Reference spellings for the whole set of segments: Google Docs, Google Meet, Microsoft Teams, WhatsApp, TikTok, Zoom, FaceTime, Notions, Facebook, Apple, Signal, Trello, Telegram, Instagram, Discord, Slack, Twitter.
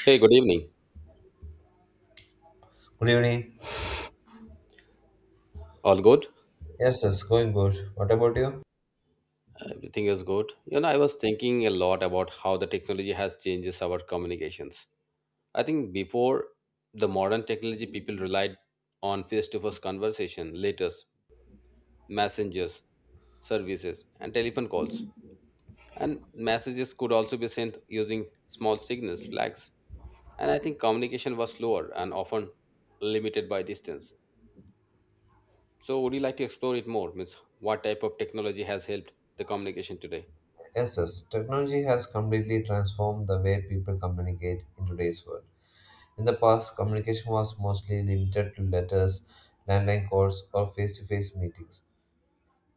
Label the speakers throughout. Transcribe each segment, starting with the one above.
Speaker 1: Hey, good evening.
Speaker 2: Good evening.
Speaker 1: All good?
Speaker 2: Yes, yes, going good. What about you?
Speaker 1: Everything is good. You know, I was thinking a lot about how the technology has changes our communications. I think before the modern technology, people relied on face-to-face conversation, letters, messengers, services, and telephone calls. And messages could also be sent using small signals, flags. And I think communication was slower and often limited by distance. So, would you like to explore it more? Means, what type of technology has helped the communication today?
Speaker 2: Yes, yes. Technology has completely transformed the way people communicate in today's world. In the past, communication was mostly limited to letters, landline calls, or face to face meetings.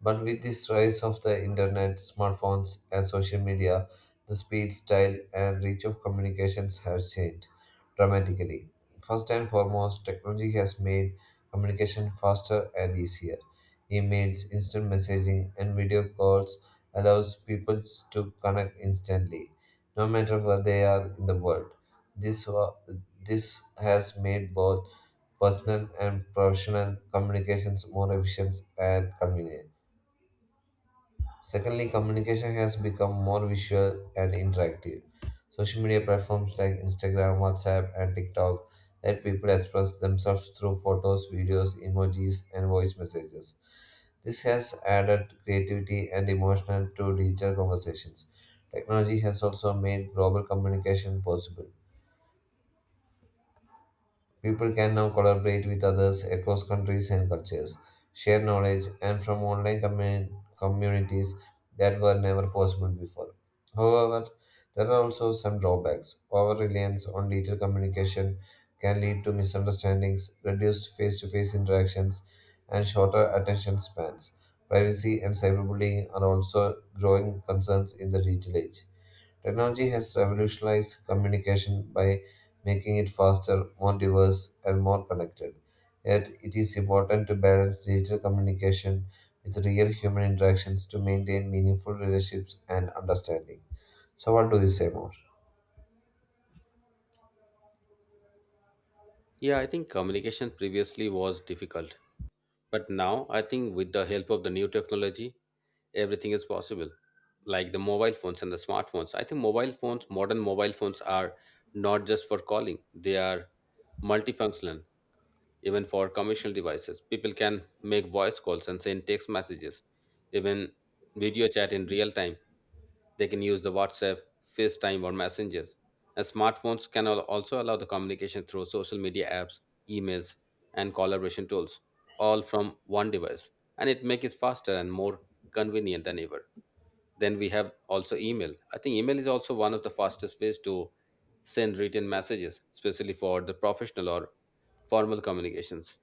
Speaker 2: But with this rise of the internet, smartphones, and social media, the speed, style, and reach of communications have changed dramatically. First and foremost, technology has made communication faster and easier. Emails, instant messaging, and video calls allows people to connect instantly, no matter where they are in the world. This wa- this has made both personal and professional communications more efficient and convenient. Secondly, communication has become more visual and interactive. Social media platforms like Instagram, WhatsApp, and TikTok let people express themselves through photos, videos, emojis, and voice messages. This has added creativity and emotion to digital conversations. Technology has also made global communication possible. People can now collaborate with others across countries and cultures, share knowledge, and from online communities that were never possible before. However, there are also some drawbacks. Over reliance on digital communication can lead to misunderstandings, reduced face to face interactions, and shorter attention spans. Privacy and cyberbullying are also growing concerns in the digital age. Technology has revolutionized communication by making it faster, more diverse, and more connected. Yet, it is important to balance digital communication with real human interactions to maintain meaningful relationships and understanding. So, what do you say more?
Speaker 1: Yeah, I think communication previously was difficult, but now I think with the help of the new technology, everything is possible. Like the mobile phones and the smartphones. I think mobile phones, modern mobile phones, are not just for calling; they are multifunctional, even for commercial devices. People can make voice calls and send text messages, even video chat in real time. They can use the WhatsApp, FaceTime, or messengers. And smartphones can also allow the communication through social media apps, emails, and collaboration tools, all from one device. And it makes it faster and more convenient than ever. Then we have also email. I think email is also one of the fastest ways to send written messages, especially for the professional or formal communications.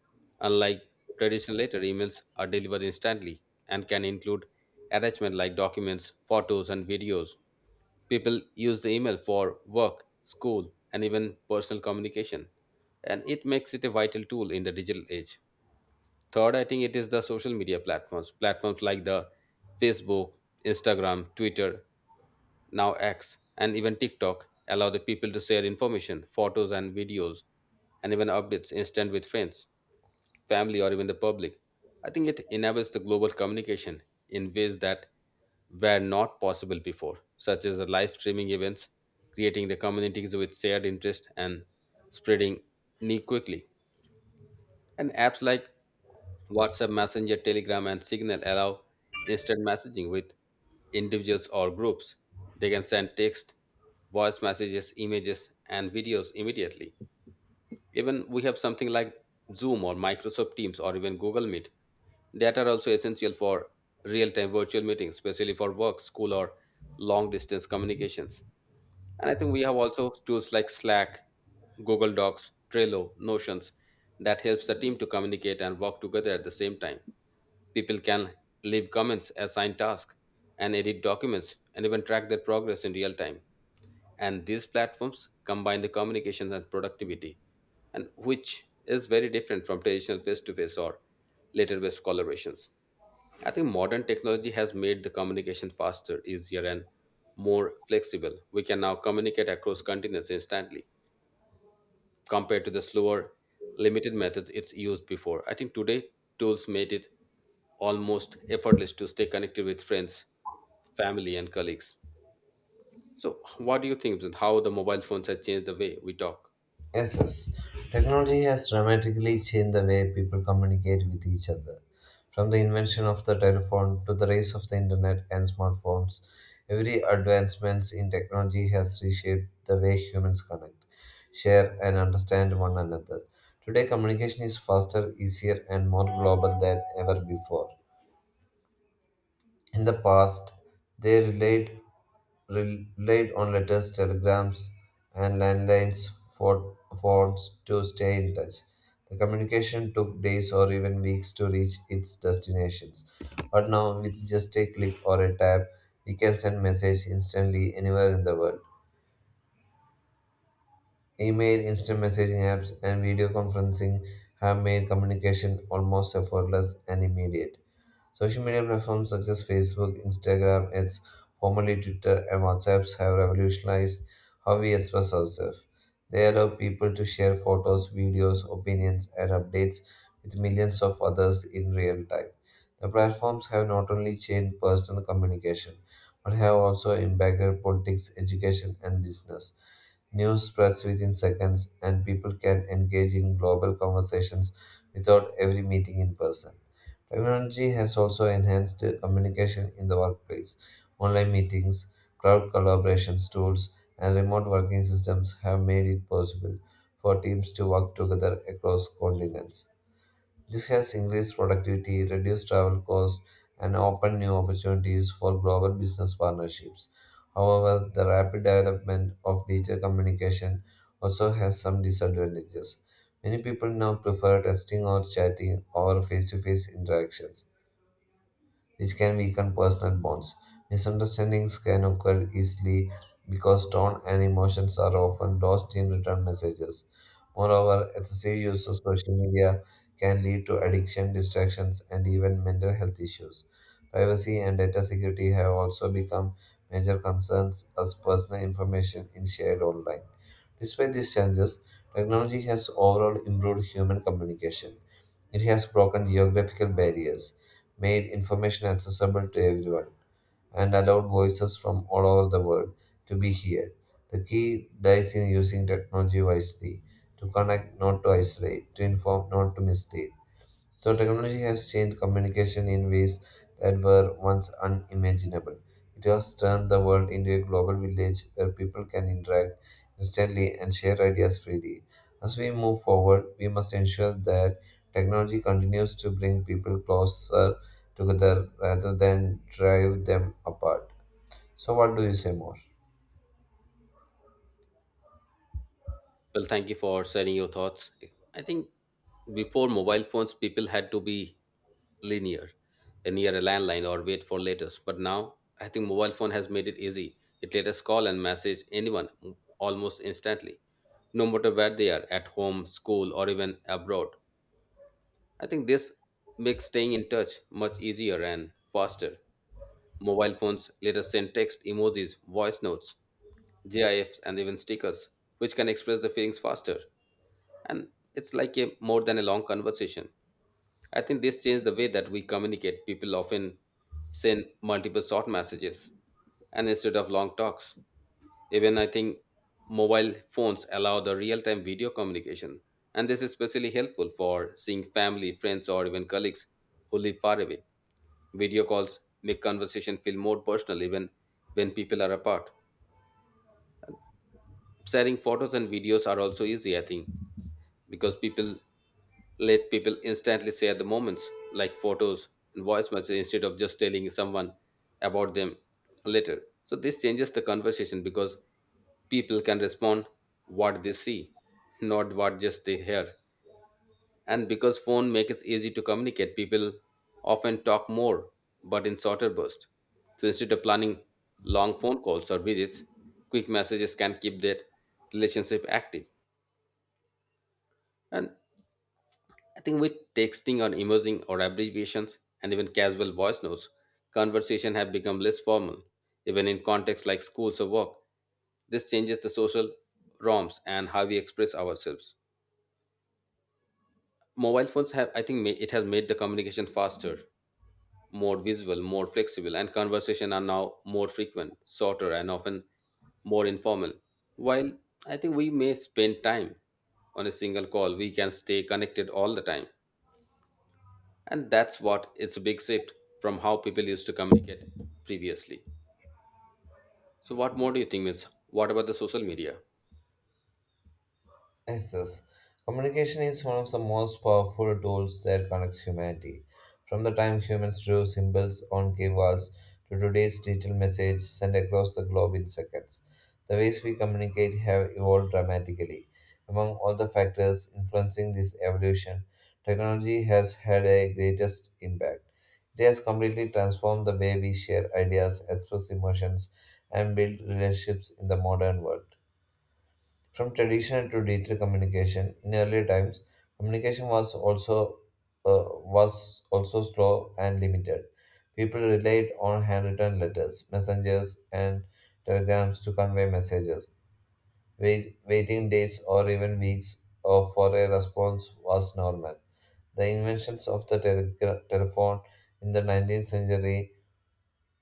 Speaker 1: Unlike traditional letter, emails are delivered instantly and can include attachment like documents, photos, and videos. People use the email for work, school, and even personal communication, and it makes it a vital tool in the digital age. Third, I think it is the social media platforms like the Facebook, Instagram, Twitter, now X, and even TikTok allow the people to share information, photos, and videos, and even updates instant with friends, family, or even the public. I think it enables the global communication in ways that were not possible before, such as the live streaming events, creating the communities with shared interest, and spreading need quickly. And apps like WhatsApp, Messenger, Telegram, and Signal allow instant messaging with individuals or groups. They can send text, voice messages, images, and videos immediately. Even we have something like Zoom or Microsoft Teams or even Google Meet that are also essential for real time virtual meetings, especially for work, school, or long distance communications. And I think we have also tools like Slack, Google Docs, Trello, Notions that helps the team to communicate and work together at the same time. People can leave comments, assign tasks, and edit documents, and even track their progress in real time. And these platforms combine the communications and productivity, and which is very different from traditional face-to-face or later-based collaborations. I think modern technology has made the communication faster, easier, and more flexible. We can now communicate across continents instantly compared to the slower, limited methods it's used before. I think today tools made it almost effortless to stay connected with friends, family, and colleagues. So, what do you think, Vincent? How the mobile phones have changed the way we talk?
Speaker 2: Yes, yes. Technology has dramatically changed the way people communicate with each other. From the invention of the telephone to the rise of the internet and smartphones, every advancements in technology has reshaped the way humans connect, share, and understand one another. Today, communication is faster, easier, and more global than ever before. In the past, they relied relied on letters, telegrams, and landlines for phones to stay in touch. The communication took days or even weeks to reach its destinations. But now, with just a click or a tap, we can send messages instantly anywhere in the world. Email, instant messaging apps, and video conferencing have made communication almost effortless and immediate. Social media platforms such as Facebook, Instagram, its formerly Twitter, and WhatsApp have revolutionized how we express ourselves. They allow people to share photos, videos, opinions, and updates with millions of others in real time. The platforms have not only changed personal communication, but have also impacted politics, education, and business. News spreads within seconds, and people can engage in global conversations without every meeting in person. Technology has also enhanced communication in the workplace. Online meetings, cloud collaboration tools, and remote working systems have made it possible for teams to work together across continents. This has increased productivity, reduced travel costs, and opened new opportunities for global business partnerships. However, the rapid development of digital communication also has some disadvantages. Many people now prefer texting or chatting over face to face interactions which can weaken personal bonds. Misunderstandings can occur easily because tone and emotions are often lost in written messages. Moreover, excessive use of social media can lead to addiction, distractions, and even mental health issues. Privacy and data security have also become major concerns as personal information is shared online. Despite these challenges, technology has overall improved human communication. It has broken geographical barriers, made information accessible to everyone, and allowed voices from all over the world to be heard. The key lies in using technology wisely to connect, not to isolate, to inform, not to mislead. So technology has changed communication in ways that were once unimaginable. It has turned the world into a global village where people can interact instantly and share ideas freely. As we move forward, we must ensure that technology continues to bring people closer together rather than drive them apart. So, what do you say more?
Speaker 1: Well, thank you for sharing your thoughts. I think before mobile phones, people had to be linear, near a landline or wait for letters. But now, I think mobile phone has made it easy. It let us call and message anyone almost instantly, no matter where they are, at home, school, or even abroad. I think this makes staying in touch much easier and faster. Mobile phones let us send text, emojis, voice notes, GIFs, and even stickers, which can express the feelings faster, and it's like a more than a long conversation. I think this changed the way that we communicate. People often send multiple short messages and instead of long talks. Even I think mobile phones allow the real-time video communication, and this is especially helpful for seeing family, friends, or even colleagues who live far away. Video calls make conversation feel more personal even when people are apart. Sharing photos and videos are also easy, I think, because people let people instantly share the moments like photos and voice message instead of just telling someone about them later. So this changes the conversation because people can respond what they see, not what just they hear. And because phone make it easy to communicate, people often talk more but in shorter bursts. So instead of planning long phone calls or visits, quick messages can keep their relationship active. And I think with texting or emoji or abbreviations and even casual voice notes, conversation have become less formal, even in contexts like schools or work. This changes the social norms and how we express ourselves. Mobile phones have, I think, it has made the communication faster, more visual, more flexible, and conversation are now more frequent, shorter, and often more informal. While I think we may spend time on a single call, we can stay connected all the time. And that's what it's a big shift from how people used to communicate previously. So, what more do you think, Miss? What about the social media?
Speaker 2: Yes, yes. Communication is one of the most powerful tools that connects humanity. From the time humans drew symbols on cave walls to today's digital message sent across the globe in seconds, the ways we communicate have evolved dramatically. Among all the factors influencing this evolution, technology has had a greatest impact. It has completely transformed the way we share ideas, express emotions, and build relationships in the modern world. From traditional to digital communication, in earlier times, communication uh, was also slow and limited. People relied on handwritten letters, messengers, and telegrams to convey messages. Waiting days or even weeks for a response was normal. The inventions of the telephone in the 19th century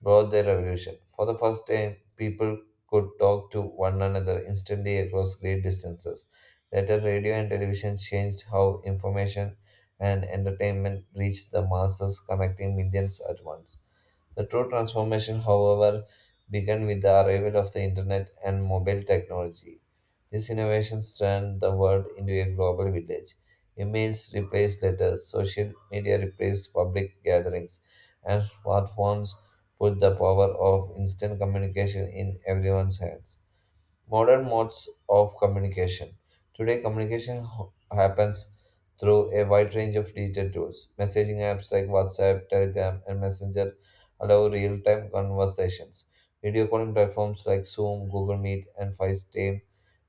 Speaker 2: brought the revolution. For the first time, people could talk to one another instantly across great distances. Later, radio and television changed how information and entertainment reached the masses, connecting millions at once. The true transformation, however, began with the arrival of the internet and mobile technology. These innovations turned the world into a global village. Emails replaced letters, social media replaced public gatherings, and smartphones put the power of instant communication in everyone's hands. Modern modes of communication. Today, happens through a wide range of digital tools. Messaging apps like WhatsApp, Telegram, and Messenger allow real time conversations. Video calling platforms like Zoom, Google Meet, and FaceTime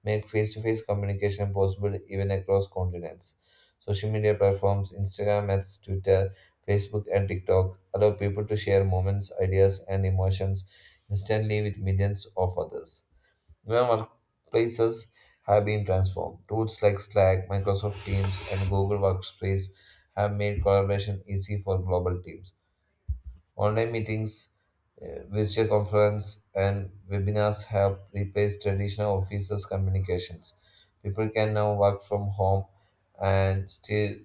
Speaker 2: make face to face communication possible even across continents. Social media platforms, Instagram, ads, Twitter, Facebook, and TikTok allow people to share moments, ideas, and emotions instantly with millions of others. Even workplaces have been transformed. Tools like Slack, Microsoft Teams, and Google Workspace have made collaboration easy for global teams. Online meetings, virtual conference, and webinars have replaced traditional offices communications. People can now work from home and still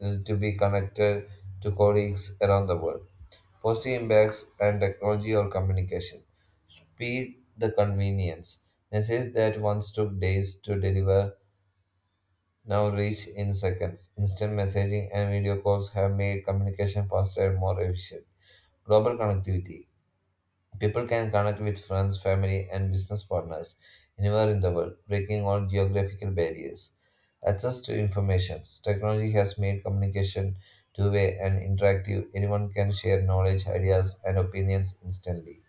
Speaker 2: to be connected to colleagues around the world. Positive impacts and technology or communication. Speed the convenience. Messages that once took days to deliver now reach in seconds. Instant messaging and video calls have made communication faster and more efficient. Global connectivity. People can connect with friends, family, and business partners anywhere in the world, breaking all geographical barriers. Access to information. Technology has made communication two way and interactive. Anyone can share knowledge, ideas, and opinions instantly.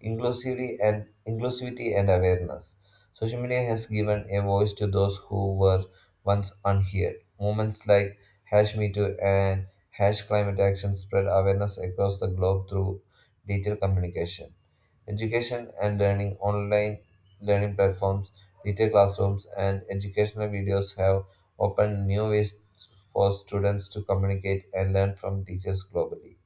Speaker 2: Inclusively and Inclusivity and awareness. Social media has given a voice to those who were once unheard. Movements like hash me too and hash climate action spread awareness across the globe through detailed communication. Education and learning. Online learning platforms, detailed classrooms and educational videos have opened new ways for students to communicate and learn from teachers globally.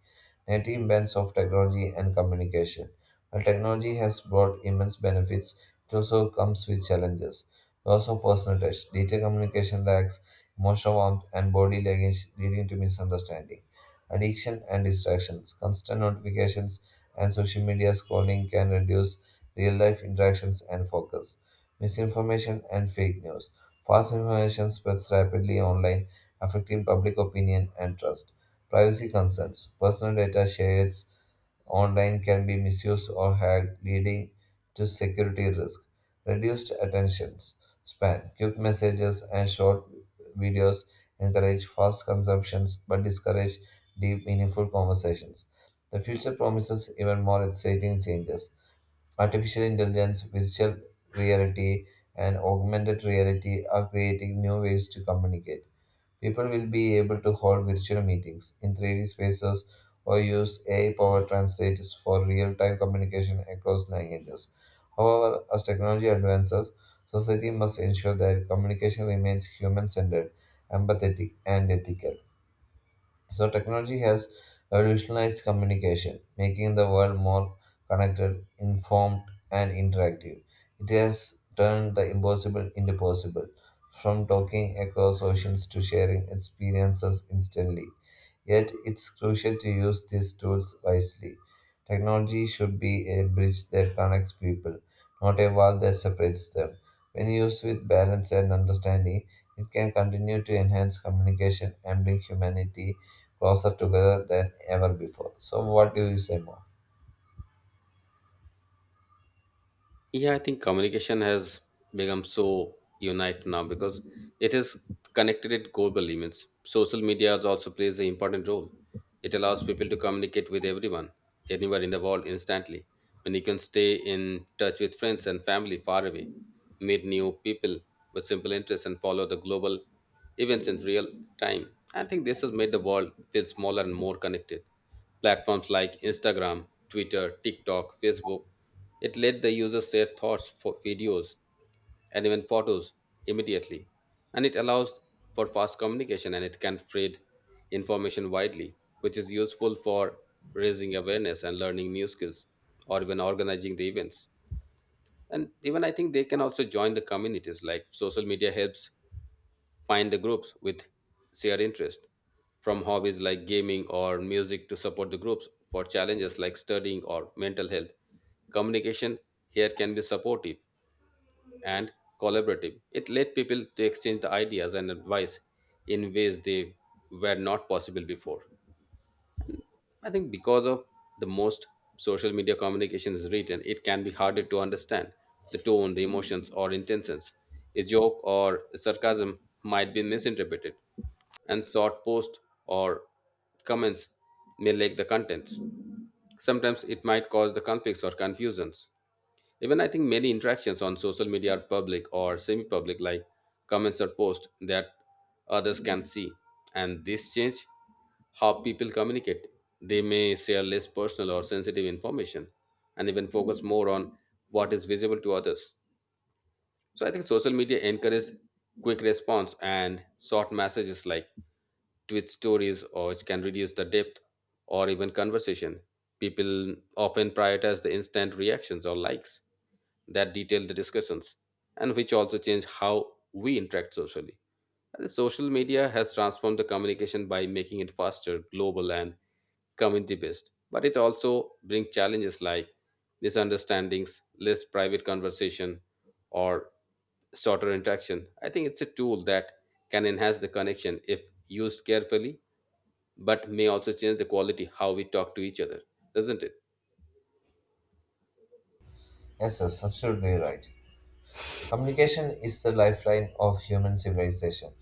Speaker 2: Negative impacts of technology and communication. While technology has brought immense benefits, it also comes with challenges. Loss of personal touch, detailed communication lacks emotional warmth, and body language, leading to misunderstanding. Addiction and distractions, constant notifications, and social media scrolling can reduce real life interactions and focus. Misinformation and fake news. False information spreads rapidly online, affecting public opinion and trust. Privacy concerns. Personal data shared online can be misused or hacked, leading to security risk. Reduced attention span. Quick messages and short videos encourage fast consumptions but discourage deep, meaningful conversations. The future promises even more exciting changes. Artificial intelligence, virtual reality, and augmented reality are creating new ways to communicate. People will be able to hold virtual meetings in 3D spaces or use AI powered translators for real time communication across languages. However, as technology advances, society must ensure that communication remains human centered, empathetic, and ethical. So, technology has revolutionized communication, making the world more connected, informed, and interactive. It has turned the impossible into possible, from talking across oceans to sharing experiences instantly. Yet, it's crucial to use these tools wisely. Technology should be a bridge that connects people, not a wall that separates them. When used with balance and understanding, it can continue to enhance communication and bring humanity closer together than ever before. So, what do you say more?
Speaker 1: Yeah, I think communication has become so unite now because it is connected at global limits. Social media also plays an important role. It allows people to communicate with everyone, anywhere in the world, instantly. When you can stay in touch with friends and family far away, meet new people with simple interests, and follow the global events in real time. I think this has made the world feel smaller and more connected. Platforms like Instagram, Twitter, TikTok, Facebook, it let the users share thoughts for videos and even photos immediately. And it allows for fast communication, and it can spread information widely, which is useful for raising awareness and learning new skills or even organizing the events. And even I think they can also join the communities, like social media helps find the groups with shared interest, from hobbies like gaming or music to support the groups for challenges like studying or mental health. Communication here can be supportive and collaborative. It led people to exchange the ideas and advice in ways they were not possible before. I think because of the most social media communication is written, it can be harder to understand the tone, the emotions, or intentions. A joke or sarcasm might be misinterpreted, and short posts or comments may lack the contents. Sometimes it might cause the conflicts or confusions. Even I think many interactions on social media are public or semi public, like comments or posts that others can see. And this change how people communicate. They may share less personal or sensitive information and even focus more on what is visible to others. So I think social media encourages quick response and short messages like tweet stories, or which can reduce the depth or even conversation. People often prioritize the instant reactions or likes that detail the discussions, and which also change how we interact socially. And social media has transformed the communication by making it faster, global, and community based. But it also brings challenges like misunderstandings, less private conversation, or shorter interaction. I think it's a tool that can enhance the connection if used carefully, but may also change the quality how we talk to each other, doesn't it?
Speaker 2: Yes, that's absolutely right. Communication is the lifeline of human civilization.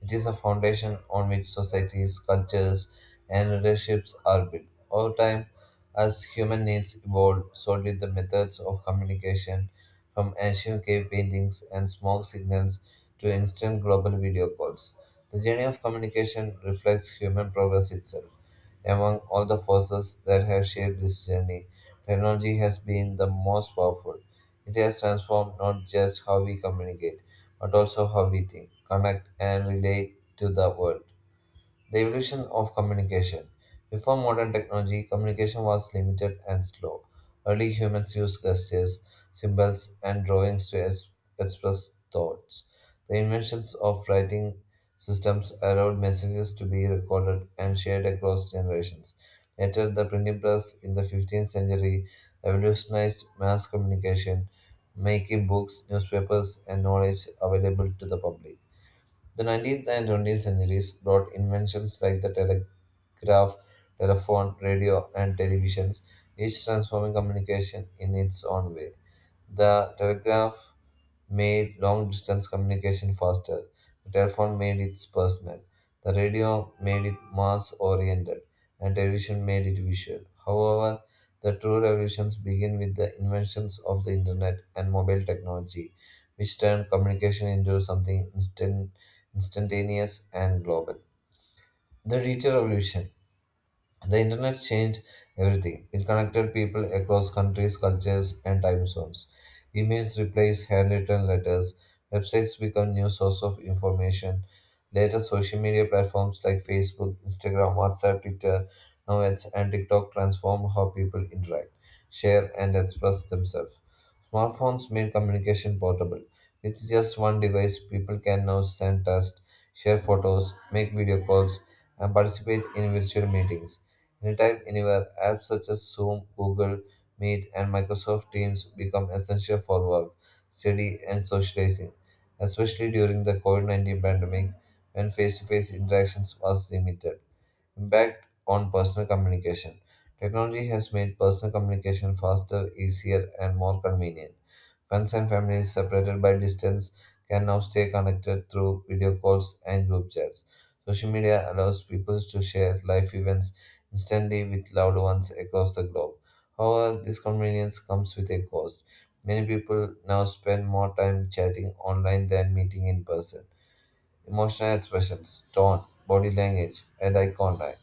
Speaker 2: It is a foundation on which societies, cultures, and relationships are built. Over time, as human needs evolved, so did the methods of communication, from ancient cave paintings and smoke signals to instant global video calls. The journey of communication reflects human progress itself. Among all the forces that have shaped this journey, technology has been the most powerful. It has transformed not just how we communicate, but also how we think, connect, and relate to the world. The evolution of communication. Before modern technology, communication was limited and slow. Early humans used gestures, symbols, and drawings to express thoughts. The inventions of writing systems allowed messages to be recorded and shared across generations. Later, the printing press in the 15th century revolutionized mass communication, making books, newspapers, and knowledge available to the public. The 19th and 20th centuries brought inventions like the telegraph, telephone, radio, and televisions, each transforming communication in its own way. The telegraph made long distance communication faster. The telephone made it personal. The radio made it mass oriented, and television made it visual. However, the true revolutions begin with the inventions of the internet and mobile technology, which turned communication into something instantaneous, and global. The digital revolution. The internet changed everything. It connected people across countries, cultures, and time zones. Emails replaced handwritten letters. Websites become new source of information. Later, social media platforms like Facebook, Instagram, WhatsApp, Twitter, now it's and TikTok transform how people interact, share, and express themselves. Smartphones made communication portable. With just one device, people can now send text, share photos, make video calls, and participate in virtual meetings. Anytime, anywhere, apps such as Zoom, Google Meet, and Microsoft Teams become essential for work, study, and socializing, especially during the COVID 19 pandemic when face to face interactions was limited. Impact on personal communication. Technology has made personal communication faster, easier, and more convenient. Friends and families separated by distance can now stay connected through video calls and group chats. Social media allows people to share life events instantly with loved ones across the globe. However, this convenience comes with a cost. Many people now spend more time chatting online than meeting in person. Emotional expressions, tone, body language, and eye contact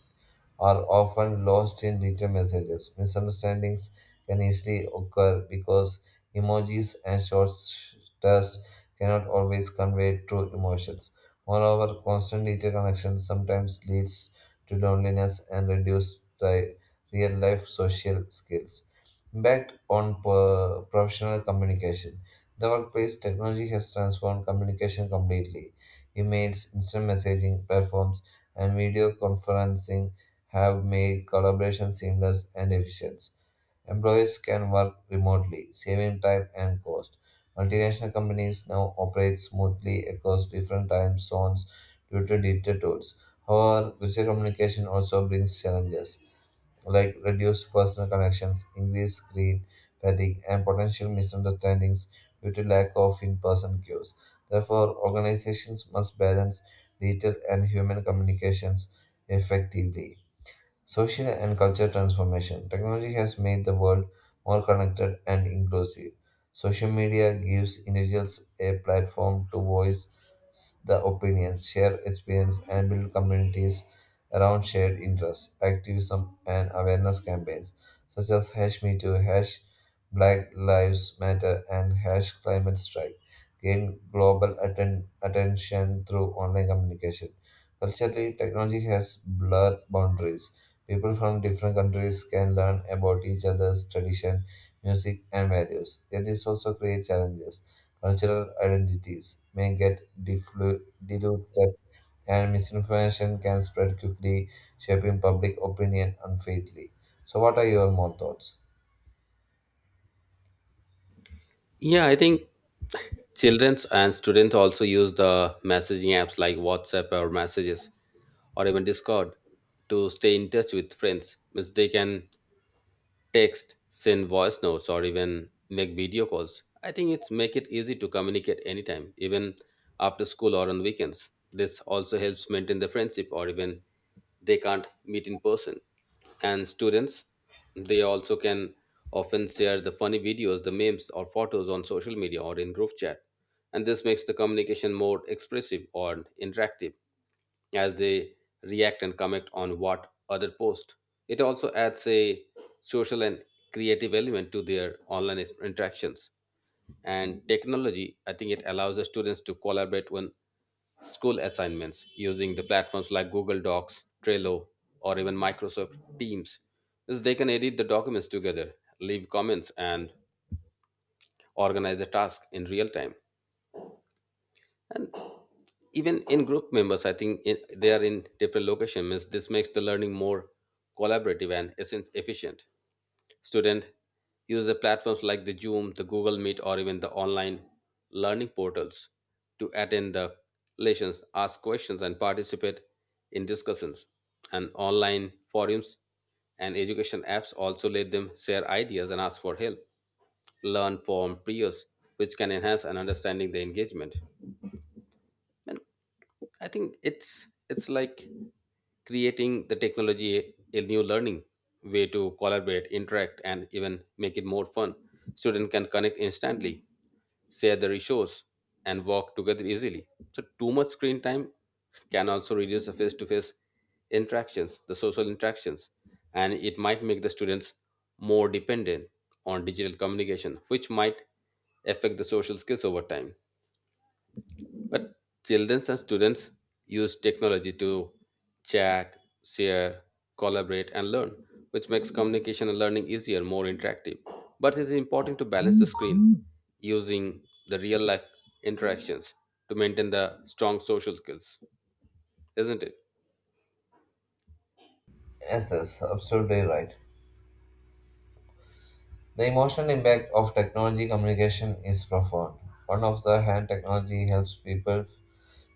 Speaker 2: are often lost in written messages. Misunderstandings can easily occur because emojis and short text cannot always convey true emotions. Moreover, constant digital connection sometimes leads to loneliness and reduced real life social skills. Impact on professional communication. The workplace technology has transformed communication completely. Emails, instant messaging platforms, and video conferencing have made collaboration seamless and efficient. Employees can work remotely, saving time and cost. Multinational companies now operate smoothly across different time zones due to digital tools. However, visual communication also brings challenges like reduced personal connections, increased screen fatigue, and potential misunderstandings due to lack of in person cues. Therefore, organizations must balance digital and human communications effectively. Social and cultural transformation. Technology has made the world more connected and inclusive. Social media gives individuals a platform to voice their opinions, share experience, and build communities around shared interests. Activism and awareness campaigns such as hash me too, hash black lives matter, and hash climate strike gain global attention through online communication. Culturally, technology has blurred boundaries. People from different countries can learn about each other's tradition, music, and values. Yet, this also creates challenges. Cultural identities may get diluted, and misinformation can spread quickly, shaping public opinion unfairly. So, what are your more thoughts?
Speaker 1: Yeah, I think children and students also use the messaging apps like WhatsApp or Messages or even Discord to stay in touch with friends. Means they can text, send voice notes, or even make video calls. I think it's make it easy to communicate anytime, even after school or on weekends. This also helps maintain the friendship, or even they can't meet in person. And students, they also can often share the funny videos, the memes, or photos on social media or in group chat. And this makes the communication more expressive or interactive as they react and comment on what other post. It also adds a social and creative element to their online interactions. And technology, I think, it allows the students to collaborate when school assignments using the platforms like Google Docs, Trello, or even Microsoft Teams. Thus, they can edit the documents together, leave comments, and organize the task in real time. And even in group members, I think in, they are in different locations, this makes the learning more collaborative and efficient. Student use the platforms like the Zoom, the Google Meet, or even the online learning portals to attend the lessons, ask questions, and participate in discussions. And online forums and education apps also let them share ideas and ask for help, learn from peers, which can enhance and understanding the engagement. And I think it's like creating the technology a new learning way to collaborate, interact, and even make it more fun. Student can connect instantly, share the resource, and work together easily. So too much screen time can also reduce the face-to-face interactions, the social interactions, and it might make the students more dependent on digital communication, which might affect the social skills over time. But children and students use technology to chat, share, collaborate, and learn, which makes communication and learning easier, more interactive. But it is important to balance the screen using the real life interactions to maintain the strong social skills, isn't it?
Speaker 2: Yes, that's absolutely right. The emotional impact of technology communication is profound. On of the hand, technology helps people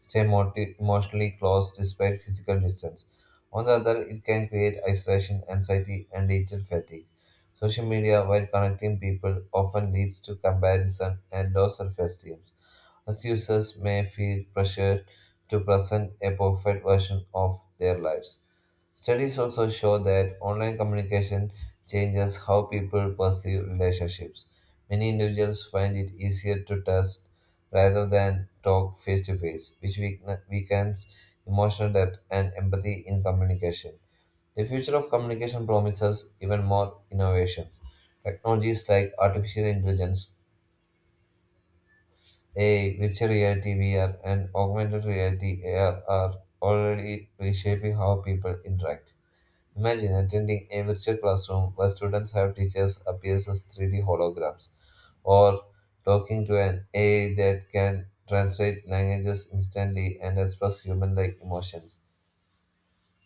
Speaker 2: stay emotionally close despite physical distance. On the other, it can create isolation, anxiety, and digital fatigue. Social media, while connecting people, often leads to comparison and low self-esteem as users may feel pressured to present a perfect version of their lives. Studies also show that online communication changes how people perceive relationships. Many individuals find it easier to test rather than talk face to face, which weakens emotional depth and empathy in communication. The future of communication promises even more innovations. Technologies like artificial intelligence, virtual reality VR, and augmented reality AR are already reshaping how people interact. Imagine attending a virtual classroom where students have teachers appear as 3D holograms, or talking to an AI that can translate languages instantly and express human like emotions.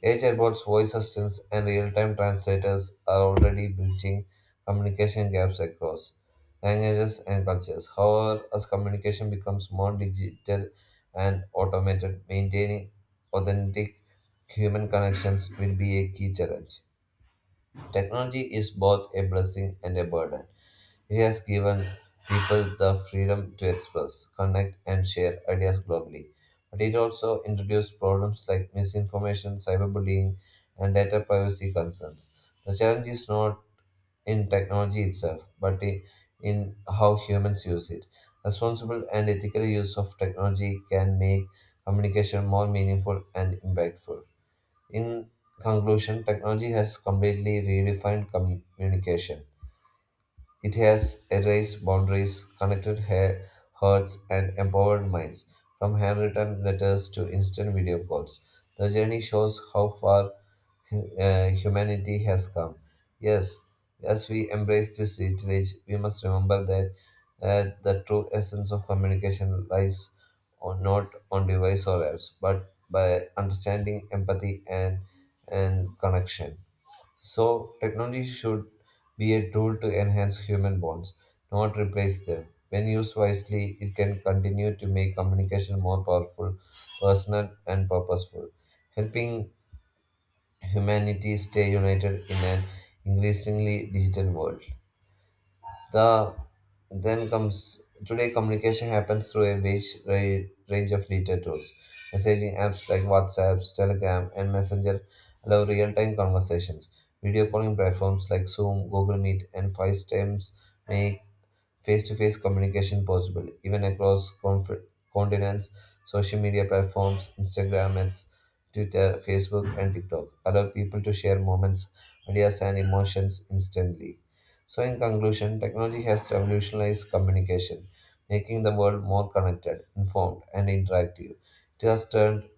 Speaker 2: AI chatbots, voice assistants, and real-time translators are already bridging communication gaps across languages and cultures. However, as communication becomes more digital and automated, maintaining authentic human connections will be a key challenge. Technology is both a blessing and a burden. It has given people the freedom to express, connect, and share ideas globally. But it also introduced problems like misinformation, cyberbullying, and data privacy concerns. The challenge is not in technology itself, but in how humans use it. Responsible and ethical use of technology can make communication more meaningful and impactful. In conclusion, technology has completely redefined communication. It has erased boundaries, connected hearts, and empowered minds. From handwritten letters to instant video calls, the journey shows how far humanity has come. Yes, as we embrace this digital age, we must remember that the true essence of communication lies on, not on device or apps, but by understanding empathy and connection. So, technology should be a tool to enhance human bonds, not replace them. When used wisely, it can continue to make communication more powerful, personal, and purposeful, helping humanity stay united in an increasingly digital world. The then comes today communication happens through a wide range of digital tools. Messaging apps like WhatsApp, Telegram, and Messenger allow real-time conversations. Video calling platforms like Zoom, Google Meet, and FaceTime make face-to-face communication possible, even across continents. Social media platforms, Instagram, and Twitter, Facebook, and TikTok allow people to share moments, ideas, and emotions instantly. So, in conclusion, technology has revolutionized communication, making the world more connected, informed, and interactive. It has turned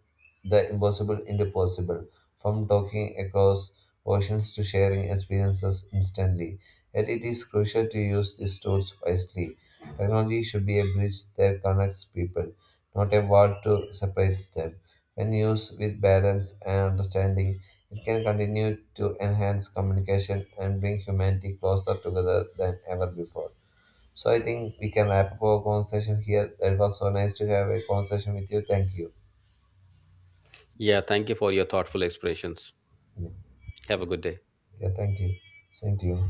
Speaker 2: the impossible into possible, from talking across oceans to sharing experiences instantly. Yet it is crucial to use these tools wisely. Technology should be a bridge that connects people, not a wall to separate them. When used with balance and understanding, it can continue to enhance communication and bring humanity closer together than ever before. So I think we can wrap up our conversation here. It was so nice to have a conversation with you. Thank you.
Speaker 1: Yeah, thank you for your thoughtful expressions.
Speaker 2: Yeah,
Speaker 1: Have a good day.
Speaker 2: yeah, thank you. Same to you.